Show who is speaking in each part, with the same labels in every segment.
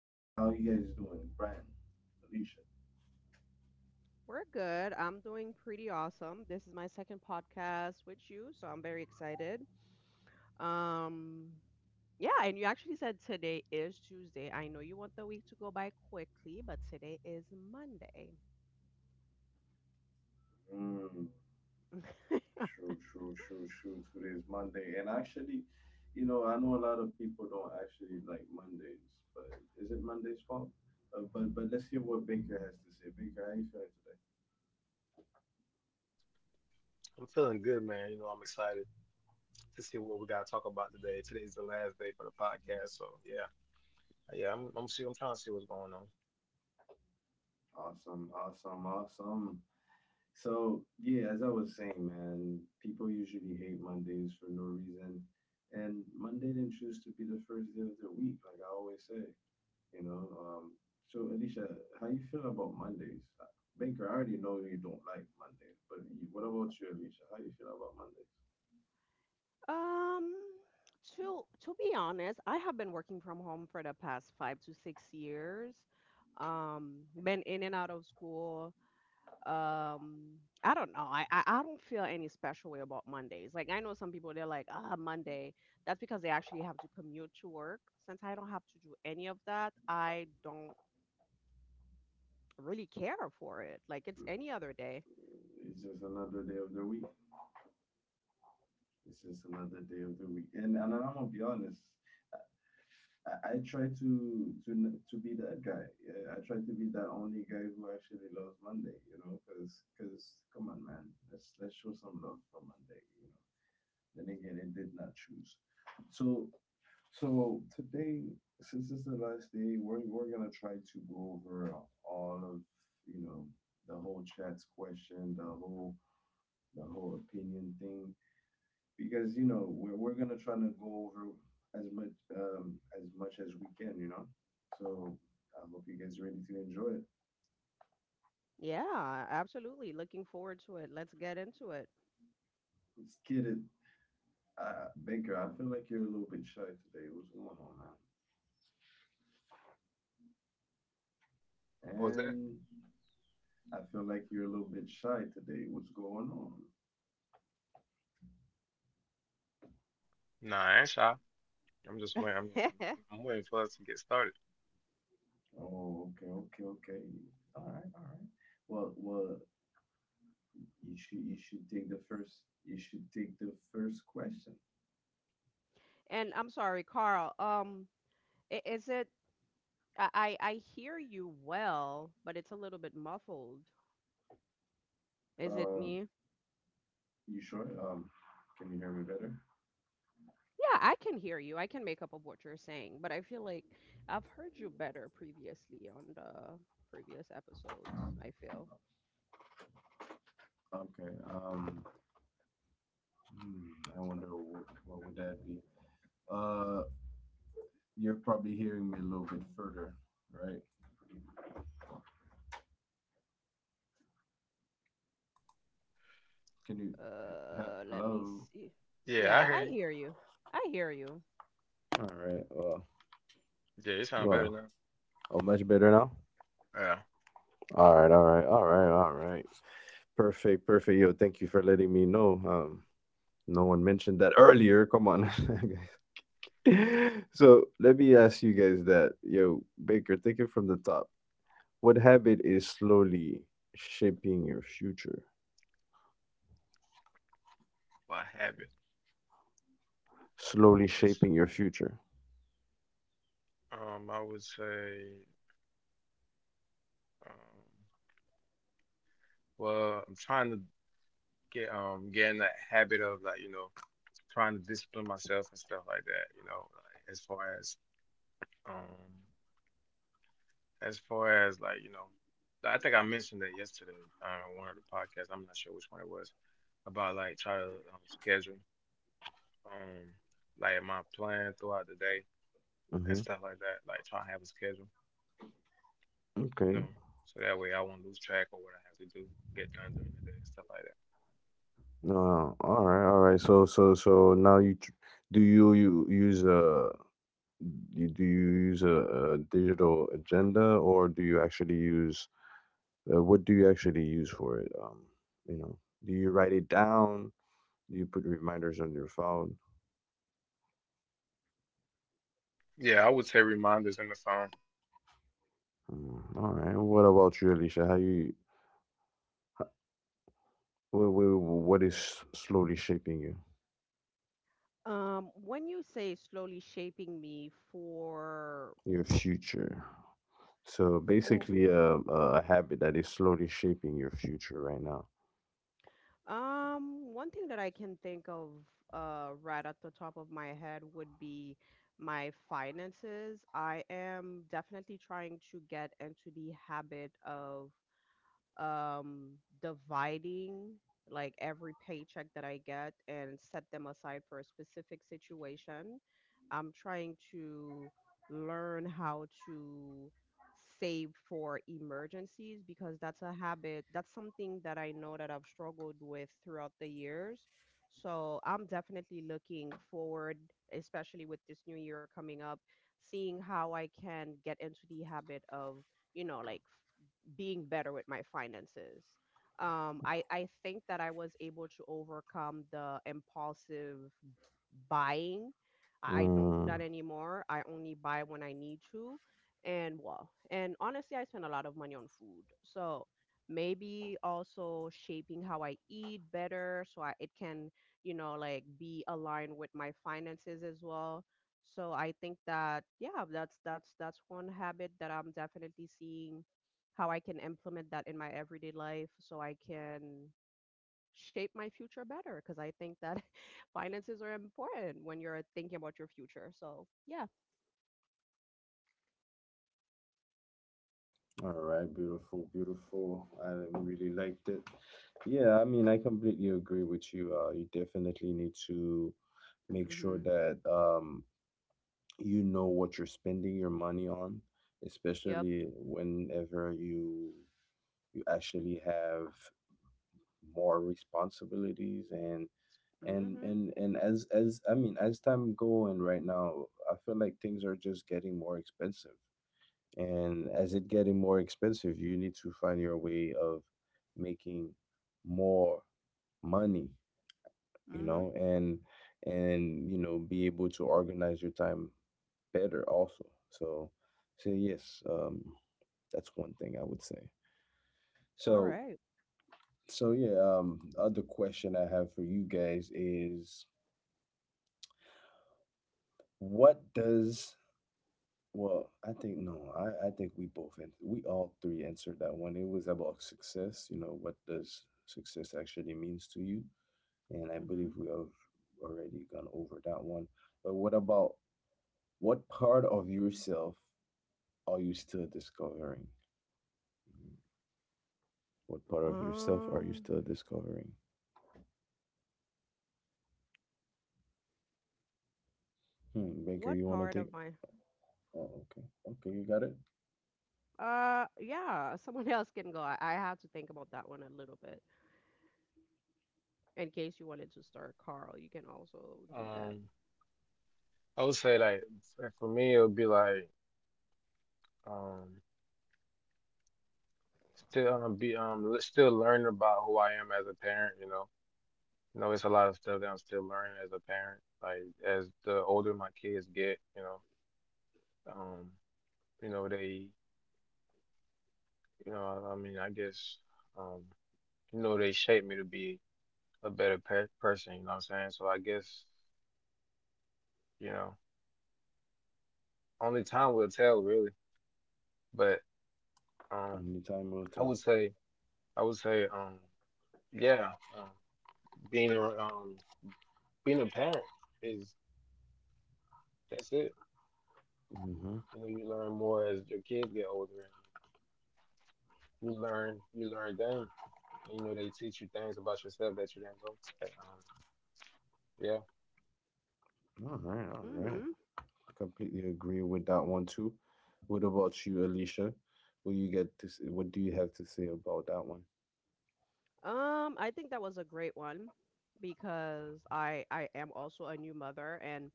Speaker 1: How you guys doing? Brian, Alicia.
Speaker 2: We're good. I'm doing pretty awesome. This is my second podcast with you, so I'm very excited. Um, yeah, and you actually said today is Tuesday. I know you want the week to go by quickly, but today is Monday.
Speaker 1: Mm. True, true, true, true. Today's Monday, and actually, you know, I know a lot of people don't actually like Mondays, but is it Monday's fault? But let's hear what Baker has to say. Baker, how you feeling today? Awesome. So yeah, as I was saying, man, people usually hate Mondays for no reason, and Monday didn't choose to be the first day of the week, like I always say. You know, um, so Alicia, how you feel about Mondays? Baker, I already know you don't like Mondays, but what about you, Alicia? How you feel about Mondays?
Speaker 2: Um, to be honest, I have been working from home for the past 5 to 6 years. Um, been in and out of school. um I don't know. I don't feel any special way about Mondays. Like, I know some people, they're like, "Ah, Monday." That's because they actually have to commute to work. Since I don't have to do any of that, I don't really care for it. Like, it's any other day.
Speaker 1: It's just another day of the week. It's just another day of the week. And I'm gonna be honest, I try to to be that guy. Yeah, I try to be that only guy who actually loves Monday. You know, because come on, man, let's show some love for Monday. You know, then again, it did not choose. So So today, since it's the last day, we're gonna try to go over all of, you know, the whole chat's question, the whole opinion thing, because you know we're gonna try to go over as much, um as much as we can, you know. So I hope you guys are ready to enjoy it.
Speaker 2: Yeah, absolutely. Looking forward to it. Let's get into it.
Speaker 1: Let's get it. Baker, I feel like you're a little bit shy today. What's going on, man? And I feel like you're a little bit shy today. What's going on? Oh, okay. All right. Well, you should take the first question.
Speaker 2: And I'm sorry, Carl. Is it... I hear you well, but it's a little bit muffled. Is it
Speaker 1: Um,
Speaker 2: me?
Speaker 1: you sure? Can you hear me better?
Speaker 2: Yeah, I can hear you. I can make up of what you're saying, but I feel like I've heard you better previously on the previous episodes, I feel.
Speaker 1: Okay. Hmm, I wonder what would that be? Uh, you're probably hearing me a little bit further, right? Can you? He-
Speaker 2: Let me
Speaker 1: Hello.
Speaker 2: see. Yeah, I hear you. I hear you.
Speaker 1: All right. Well. Oh, much better now. All right. Perfect. Yo, thank you for letting me know. No one mentioned that earlier. Come on, guys. So let me ask you guys that. Yo, Baker, take it from the top. What habit is slowly shaping your future? Slowly shaping your future. Mm-hmm. Okay. No. All right. So now do you use a do you use a digital agenda or do you actually use, what do you actually use for it? You know, do you write it down? You put reminders on your phone. Mm, all right. What about you, Alicia? How you? What is slowly shaping you,
Speaker 2: When you say slowly shaping me
Speaker 1: your future? So
Speaker 2: for
Speaker 1: basically, a habit that is slowly shaping your future right now.
Speaker 2: One thing that I can think of, right at the top of my head, would be my finances. I am definitely trying to get into the habit of, um, dividing, like, every paycheck that I get and set them aside for a specific situation. I'm trying to learn how to save for emergencies, because that's a habit. That's something that I know that I've struggled with throughout the years. So I'm definitely looking forward, especially with this new year coming up, seeing how I can get into the habit of, like, being better with my finances. I think that I was able to overcome the impulsive buying. I don't do that
Speaker 1: Mm,
Speaker 2: anymore. I only buy when I need to. And, well, and honestly, I spend a lot of money on food. So maybe also shaping how I eat better so, it can, like, be aligned with my finances as well. So I think that, yeah, that's one habit that I'm definitely seeing how I can implement that in my everyday life so I can shape my future better, because I think that finances are important when you're thinking about your future. So, yeah.
Speaker 1: all right. Beautiful. I really liked it. Yeah, I mean, I completely agree with you. You definitely need to make sure
Speaker 2: Mm-hmm.
Speaker 1: that, you know what you're spending your money on,
Speaker 2: Yep.
Speaker 1: especially whenever you actually have more responsibilities and
Speaker 2: Mm-hmm.
Speaker 1: as I mean, as time go, and right now I feel like things are just getting more expensive, and as it getting more expensive you need to find your way of making more money, you
Speaker 2: Mm-hmm.
Speaker 1: know, and you know, be able to organize your time better also. So so yes, that's one thing I would say.
Speaker 2: All
Speaker 1: So
Speaker 2: right.
Speaker 1: so yeah, other question I have for you guys is what does, well, I think no, I think we both and we all three answered that one. It was about success, you know, what does success actually means to you? And I
Speaker 2: Mm-hmm.
Speaker 1: believe we have already gone over that one. But what about what part of yourself are you still discovering? Mm-hmm. What part of yourself are you
Speaker 2: Um,
Speaker 1: still discovering? Hmm, Baker,
Speaker 2: what
Speaker 1: you wanna
Speaker 2: part
Speaker 1: take?
Speaker 2: of my...
Speaker 1: Oh, okay, you got it.
Speaker 2: Yeah, someone else can go. I had to think about that one a little bit. In case you wanted to start, Carl, you can also do that.
Speaker 1: Only time will tell. Mhm. All right.
Speaker 2: Mm-hmm.
Speaker 1: I completely agree with that one too. What about you, Alicia? What you get to s what do you have to say about that one?
Speaker 2: I think that was a great one, because I am also a new mother, and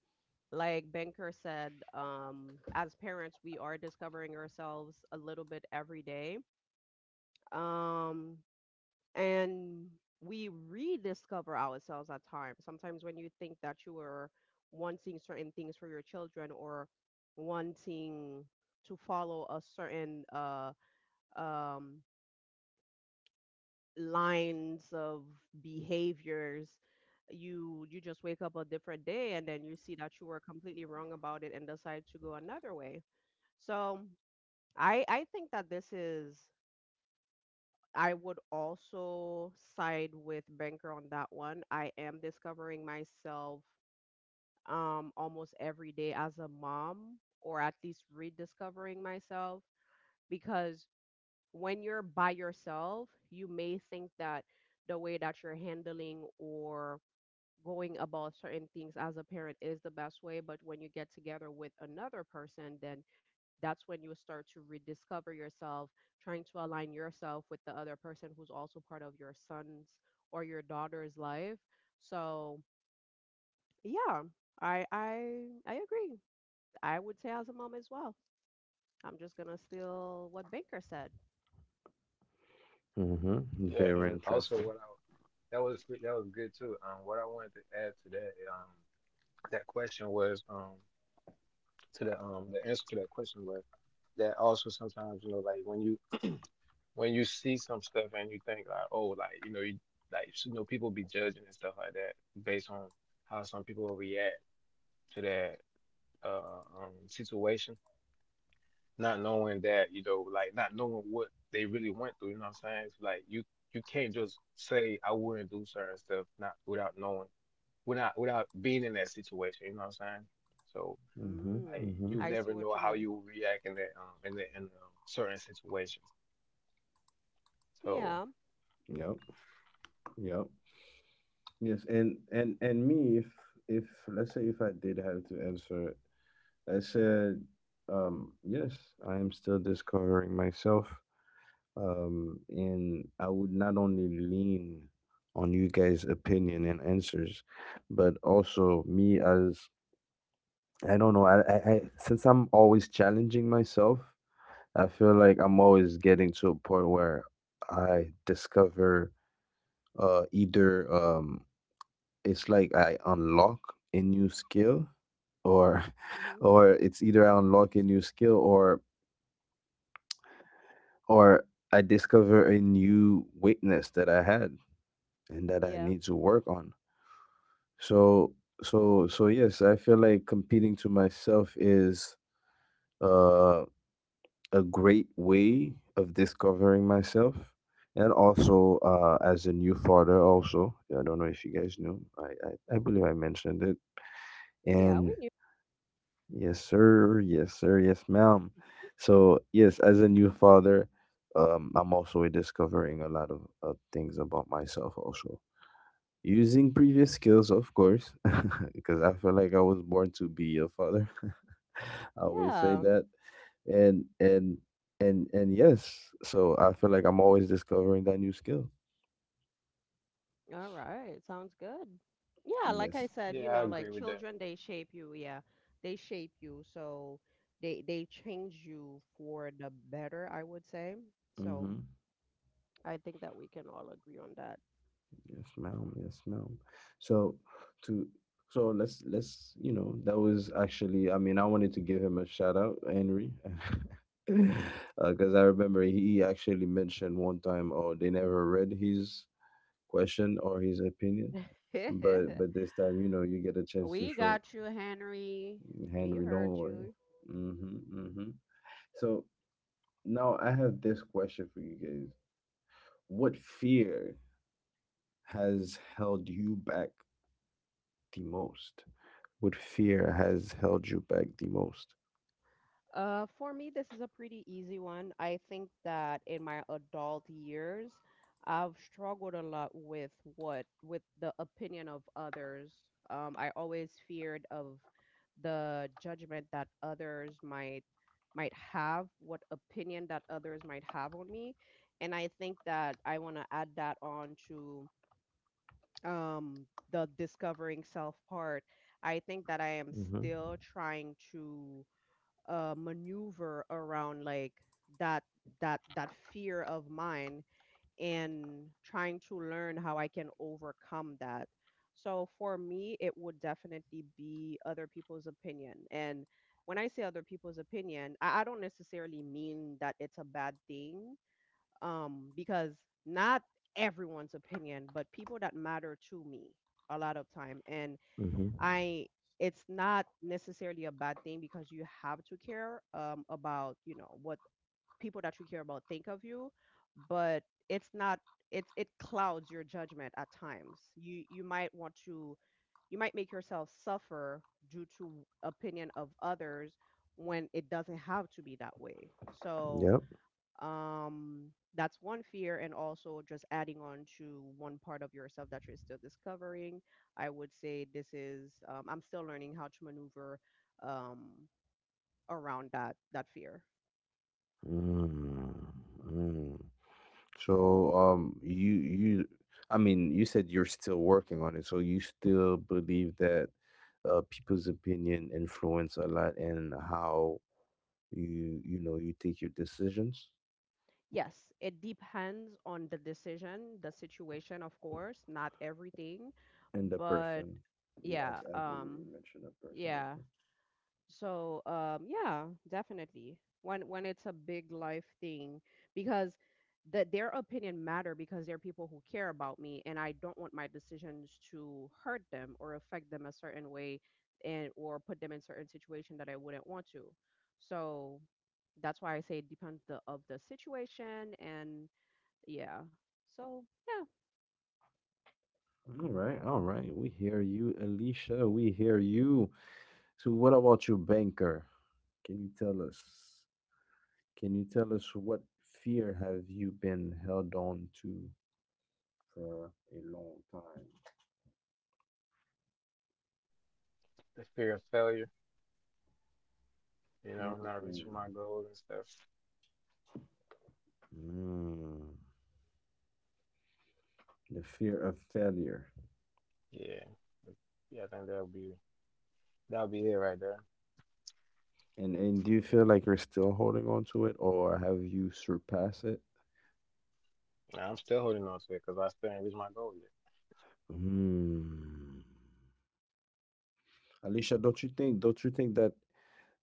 Speaker 2: like Banker said, as parents we are discovering ourselves a little bit every day. Um, and we rediscover ourselves at times. Sometimes when you think that you are wanting certain things for your children, or wanting to follow a certain, um lines of behaviors, you just wake up a different day and then you see that you were completely wrong about it and decide to go another way. So I think that this is... I would also side with Banker on that one. I am discovering myself almost every day as a mom, or at least rediscovering myself, because when you're by yourself, you may think that the way that you're handling or going about certain things as a parent is the best way. But when you get together with another person, then that's when you start to rediscover yourself, trying to align yourself with the other person who's also part of your son's or your daughter's life. So, yeah, I agree. I would say as a mom as well. I'm just gonna steal what Baker said.
Speaker 1: Mm-hmm. Very interesting. Mm-hmm.
Speaker 2: Mm,
Speaker 1: Mm-hmm.
Speaker 2: I see what you mean. Yeah.
Speaker 1: Yep. Yep. Yes, and me, if let's say if I did have to answer it, I said, yes, I am still discovering myself. And I would not only lean on you guys' opinion and answers, but also me as, I don't know. I since I'm always challenging myself, I feel like I'm always getting to a point where I discover either it's like I unlock a new skill, or
Speaker 2: Hmm.
Speaker 1: or it's either I unlock a new skill or I discover a new weakness that I had and that I
Speaker 2: Yeah.
Speaker 1: need to work on. So so yes, I feel like competing to myself is, uh, a great way of discovering myself. And also, as a new father, also, I don't know if you guys knew, I believe I mentioned it.
Speaker 2: Yeah, we
Speaker 1: And
Speaker 2: knew.
Speaker 1: yes, sir, yes, sir, yes, ma'am. So, yes, as a new father, I'm also discovering a lot of things about myself, also. Using previous skills, of course, because I feel like I was born to be a father. I always say
Speaker 2: Yeah.
Speaker 1: that, and and and yes, so I feel like I'm always discovering that new skill.
Speaker 2: All right. Sounds good. Yeah. Like
Speaker 1: Yes.
Speaker 2: I said, like, children, they shape you. Yeah. They shape you. So they change you for the better, I would say. So
Speaker 1: Mm-hmm.
Speaker 2: I think that we can all agree on that.
Speaker 1: Yes, ma'am. So to so let's, you know, that was actually, I mean, I wanted to give him a shout out, Henry. Because I remember he actually mentioned one time, oh, they never read his question or his opinion. But this time, you know, you get a chance to
Speaker 2: We
Speaker 1: show
Speaker 2: got you, Henry. We
Speaker 1: Henry. Don't
Speaker 2: heard
Speaker 1: worry.
Speaker 2: you.
Speaker 1: Hmm. Hmm. So now I have this question for you guys. What fear has held you back the most? What fear has held you back the most?
Speaker 2: For me, this is a pretty easy one. I think that in my adult years, I've struggled a lot with what with the opinion of others. I always feared of the judgment that others might have, what opinion that others might have on me, and I think that I want to add that on to, um, the discovering self part. I think that I am
Speaker 1: Hmm.
Speaker 2: still trying to, maneuver around, like, that that fear of mine, and trying to learn how I can overcome that. So for me, it would definitely be other people's opinion. And when I say other people's opinion, I don't necessarily mean that it's a bad thing, because not everyone's opinion, but people that matter to me a lot of time. And
Speaker 1: Hmm.
Speaker 2: I it's not necessarily a bad thing, because you have to care, about, what people that you care about think of you, but it's not, it's, it clouds your judgment at times. You might want to... you might make yourself suffer due to opinion of others when it doesn't have to be that way. So,
Speaker 1: Yep.
Speaker 2: um that's one fear, and also just adding on to one part of yourself that you're still discovering, I would say this is, I'm still learning how to maneuver, um, around that fear.
Speaker 1: Mm-hmm. So, you I mean, you said you're still working on it, so you still believe that, people's opinion influence a lot in how you, you know, you take your decisions
Speaker 2: Yes, it depends on the decision, the situation, of course, not everything.
Speaker 1: and the
Speaker 2: But
Speaker 1: person. You,
Speaker 2: yeah.
Speaker 1: I believe you mentioned a person
Speaker 2: Yeah.
Speaker 1: also.
Speaker 2: So, yeah, definitely. When it's a big life thing, because that, their opinion matter, because they're people who care about me, and I don't want my decisions to hurt them or affect them a certain way, and or put them in certain situation that I wouldn't want to. So that's why I say it depends the, of the situation, and yeah. So yeah,
Speaker 1: All right. We hear you, Alicia. We hear you. So, what about your banker? Can you tell us? Can you tell us what fear have you been held on to for a long time. Hmm. Mm. The fear of failure. And do you feel like you're still holding on to it, or have you surpassed it? Mm. Alicia, don't you think? Don't you think that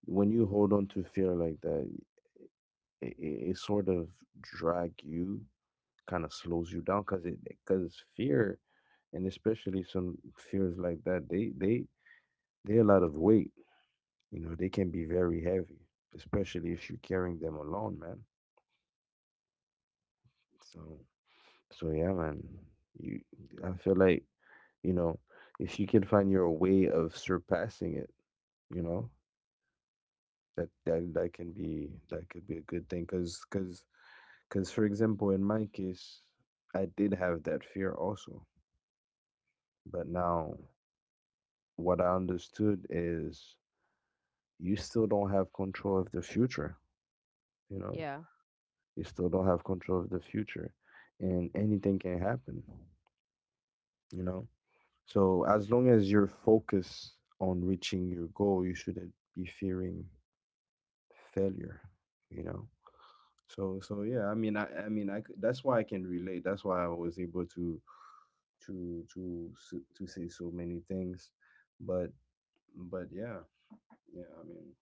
Speaker 1: when you hold on to fear like that, it sort of drag you, kind of slows you down, cause fear, and especially some fears like that, they a lot of weight. You know, they can be very heavy, especially if you're carrying them alone, man. So, so yeah, man. You, I feel like, you know, if you can find your way of surpassing it, you know, that can be that could be a good thing, cause for example, in my case, I did have that fear also, but now what I understood is you still don't have control of the future, you know,
Speaker 2: yeah.
Speaker 1: you still don't have control of the future and anything can happen, you know, so as long as you're focused on reaching your goal you shouldn't be fearing failure, you know. So so yeah, I mean, that's why I can relate, that's why I was able to to say so many things, but but yeah, yeah, I mean,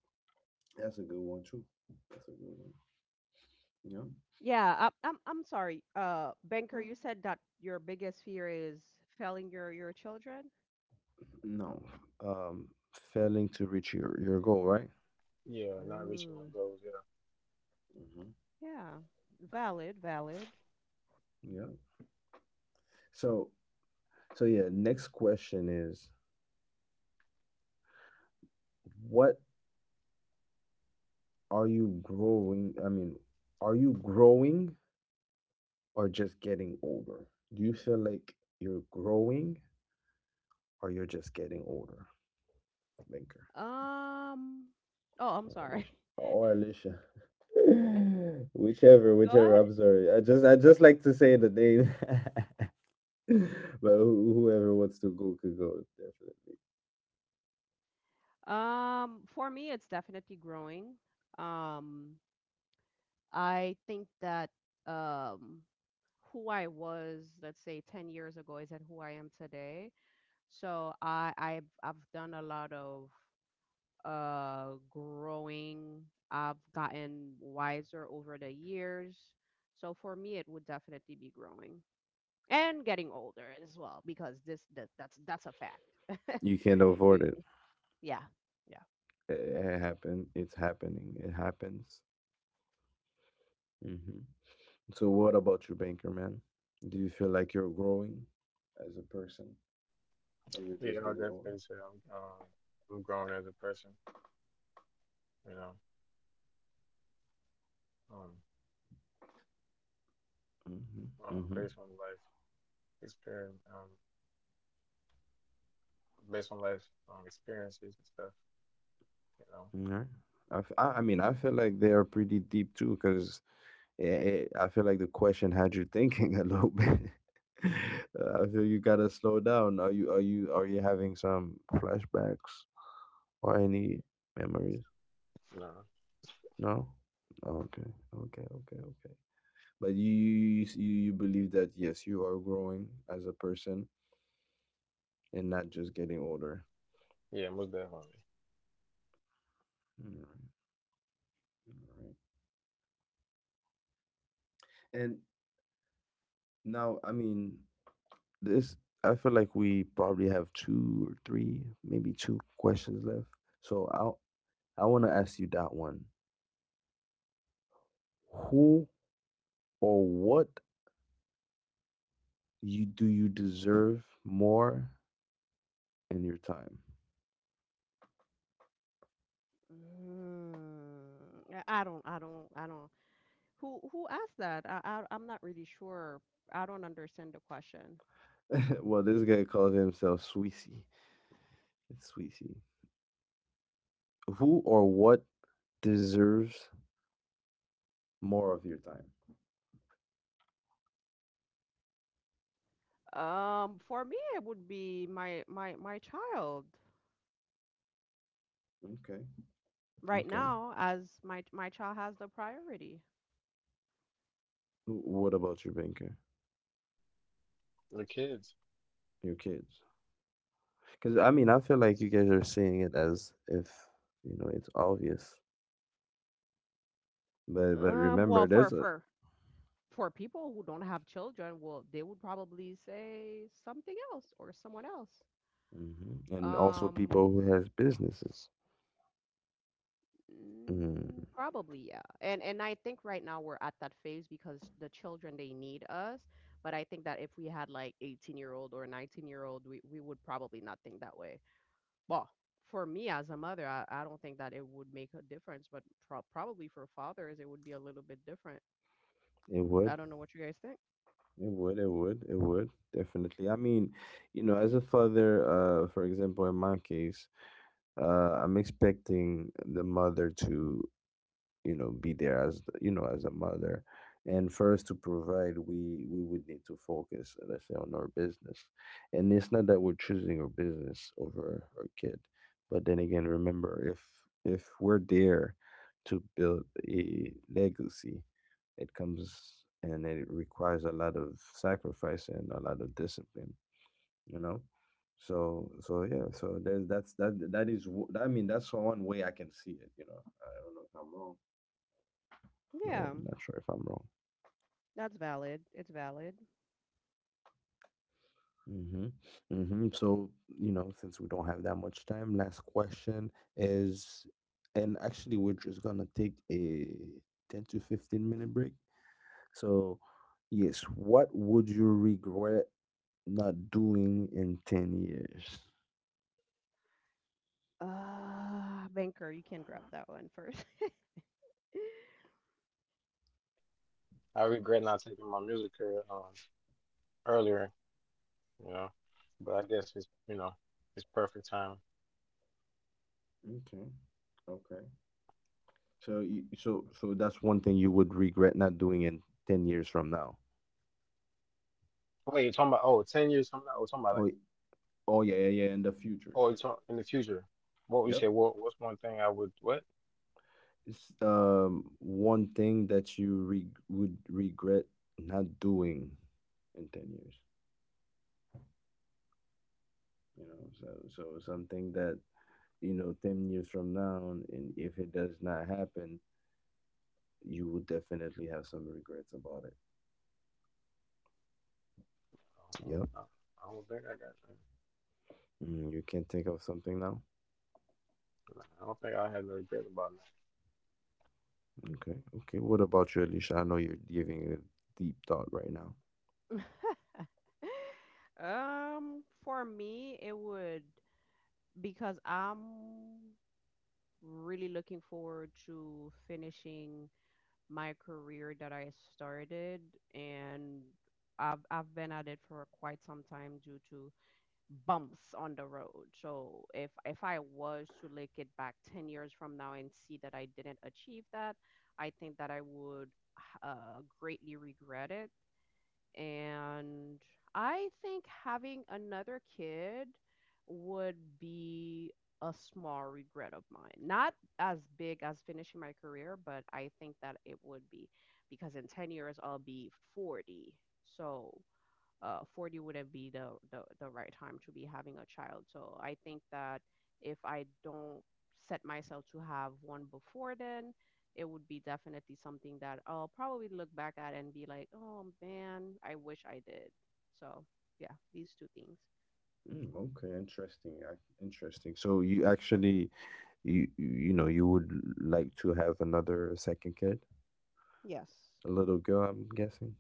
Speaker 1: that's a good one too. That's a good one. Yeah.
Speaker 2: Yeah, I'm sorry. Banker, you said that your biggest fear is failing your children.
Speaker 1: No, failing to reach your goal, right?
Speaker 2: Ooh,
Speaker 1: Mm-hmm.
Speaker 2: yeah, valid, valid.
Speaker 1: Yeah. So so yeah, next question is what, are you growing? I mean, are you growing or just getting older? Do you feel like you're growing or you're just getting older? Banker
Speaker 2: Um, oh, I'm
Speaker 1: or
Speaker 2: sorry.
Speaker 1: Alicia. Or Alicia. Whichever,
Speaker 2: Go ahead.
Speaker 1: whichever. I'm sorry. I just like to say the name. But whoever wants to go could go, definitely.
Speaker 2: For me, it's definitely growing. Um, I think that, um, who I was, let's say, 10 years ago, isn't who I am today. So I've done a lot of growing. I've gotten wiser over the years. So for me, it would definitely be growing. And getting older as well, because this that, that's a fact.
Speaker 1: You can't
Speaker 2: you
Speaker 1: avoid it.
Speaker 2: Yeah. Yeah.
Speaker 1: It, it happened. It's happening. It happens. Hmm. So, what about you, banker man? Do you feel like you're growing as a person, or you're just getting old? Mm-hmm. All right. I mean, I feel like they are pretty deep too, because I feel like the question had you thinking a little bit. I feel you gotta slow down. Are you having some flashbacks or any memories? No. Okay. Okay. But you believe that yes, you are growing as a person and not just getting older. Alright, alright. And now, I mean, this, I feel like we probably have two or three, maybe two questions left. So i I want to ask you that one. Who or what you do you deserve more in your time?
Speaker 2: mm, I don't who asked that? I'm not really sure. I don't understand the question.
Speaker 1: Well, this guy calls himself Sweezy. It's Sweezy. Who or what deserves more of your time?
Speaker 2: For me, it would be my child.
Speaker 1: Okay.
Speaker 2: Right
Speaker 1: Okay.
Speaker 2: now, as my child has the priority.
Speaker 1: What about your banker, your kids? Because I mean, I feel like you guys are seeing it as if it's obvious, but
Speaker 2: Well,
Speaker 1: remember, there's
Speaker 2: for
Speaker 1: a
Speaker 2: for for people who don't have children, well, they would probably say something else or someone else.
Speaker 1: hmm, and also people
Speaker 2: Um,
Speaker 1: who has businesses. Mm,
Speaker 2: Probably, yeah. And I think right now we're at that phase, because the children, they need us. But I think that if we had like 18-year-old or 19-year-old, we would probably not think that way. Well, for me as a mother, I don't think that it would make a difference. But probably for fathers, it would be a little bit different.
Speaker 1: it would, it
Speaker 2: I don't know what you guys think.
Speaker 1: it would definitely. I mean, you know, as a father, for example, in my case, I'm expecting the mother to be there as the, as a mother, and for us to provide we would need to focus, let's say, on our business. And it's not that we're choosing our business over our kid, but then again, remember, if we're there to build a legacy, it comes and it requires a lot of sacrifice and a lot of discipline, you know so yeah. So there's that's that that is w- I mean that's one way I can see it, I don't know if I'm wrong. No,
Speaker 2: Yeah,
Speaker 1: not sure if I'm wrong.
Speaker 2: that's valid. It's valid.
Speaker 1: Mm-hmm. Mm-hmm. So, you know, since we don't have that much time, last question is, and actually, we're just gonna take a 10 to 15 minute break. So, yes, what would you regret not doing in 10 years?
Speaker 2: Banker, you can grab that one first.
Speaker 1: Okay. Okay. So, you, that's one thing you would regret not doing in 10 years from now. Oh, y- oh yeah, yeah, yeah, in the future. Yep. It's one thing that you re would regret not doing in 10 years, you know. So something that, you know, 10 years from now, and if it does not happen, you will definitely have some regrets about it. Yep. Mm, you can't think of something now? Okay. Okay. What about you, Alicia? I know you're giving it a deep thought right now.
Speaker 2: For me, it would, because I'm really looking forward to finishing my career that I started, and I've been at it for quite some time due to bumps on the road. So if I was to look it back 10 years from now and see that I didn't achieve that, I think that I would, greatly regret it. And I think having another kid would be a small regret of mine. Not as big as finishing my career, but I think that it would be, because in 10 years I'll be 40. So, 40 wouldn't be the right time to be having a child. So I think that if I don't set myself to have one before then, it would be definitely something that I'll probably look back at and be like, oh man, I wish I did. So yeah, these two things.
Speaker 1: Mm, okay, interesting. Interesting. So you actually, you know, you would like to have another second kid,
Speaker 2: Yes.
Speaker 1: a little girl, I'm guessing.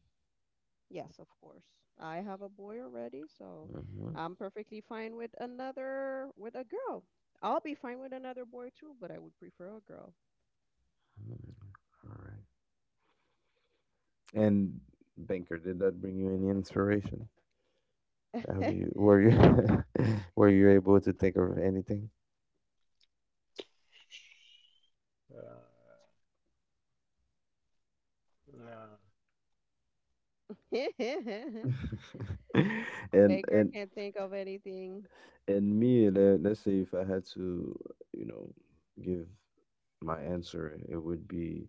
Speaker 2: Yes, of course. I have a boy already, so
Speaker 1: Mm-hmm.
Speaker 2: I'm perfectly fine with another with a girl. I'll be fine with another boy too, but I would prefer a girl.
Speaker 1: All right. And Banker, did that bring you any inspiration? Have you were you were you able to think of anything? and
Speaker 2: Baker
Speaker 1: and
Speaker 2: can't think of anything.
Speaker 1: and me, let's say if I had to, you know give my answer, it would be,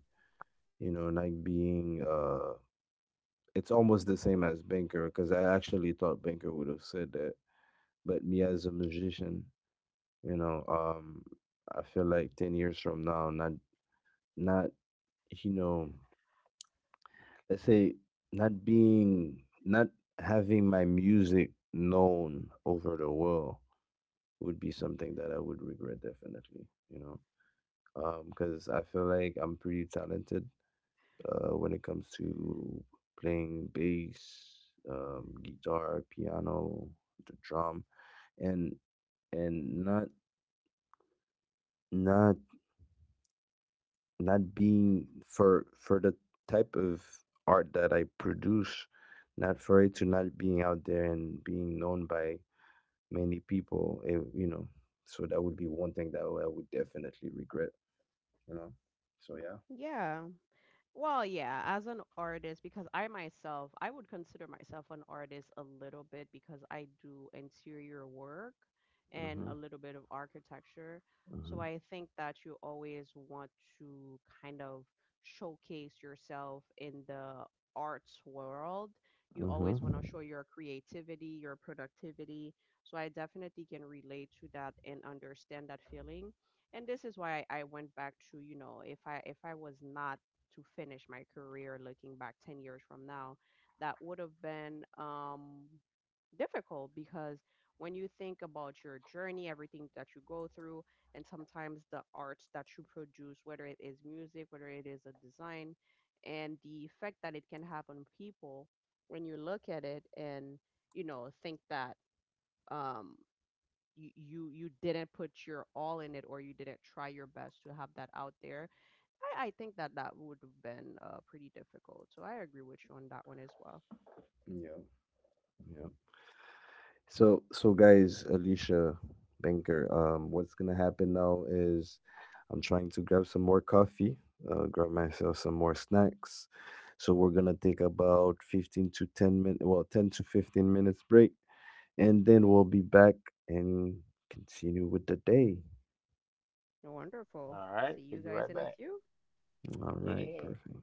Speaker 1: you know, like being it's almost the same as Banker, because I actually thought Banker would have said that. But me as a musician, you know um I feel like 10 years from now, not not you know let's say not being not having my music known over the world would be something that I would regret definitely, you know. Because I feel like I'm pretty talented when it comes to playing bass, guitar, piano, the drum, and and not not not being, for the type of art that I produce, not for it to not being out there and being known by many people, eh, you know. So that would be one thing that I would definitely regret, you know. So yeah.
Speaker 2: Yeah. Well, yeah, as an artist, because I myself, I would consider myself an artist a little bit, because I do interior work and a
Speaker 1: Mhm.
Speaker 2: little bit of architecture. So
Speaker 1: Mhm.
Speaker 2: I think that you always want to kind of showcase yourself in the arts world. You
Speaker 1: Mhm.
Speaker 2: always want to show your creativity, your productivity. So I definitely can relate to that and understand that feeling. And this is why I went back to, if I was not to finish my career, looking back 10 years from now, that would have been, difficult, because when you think about your journey, everything that you go through, and sometimes the arts that you produce, whether it is music, whether it is a design, and the effect that it can have on people, when you look at it and think that, um you didn't put your all in it, or you didn't try your best to have that out there, I think that that would have been, pretty difficult. So I agree with you on that one as well.
Speaker 1: Yeah. Yeah. So, so guys, Alicia, Banker, what's gonna happen now is I'm trying to grab some more coffee, grab myself some more snacks. So we're gonna take about 15 to 10 minutes, well, 10 to 15 minutes break, and then we'll be back and continue with the day.
Speaker 2: Wonderful. See you guys in a few.
Speaker 1: All right, perfect.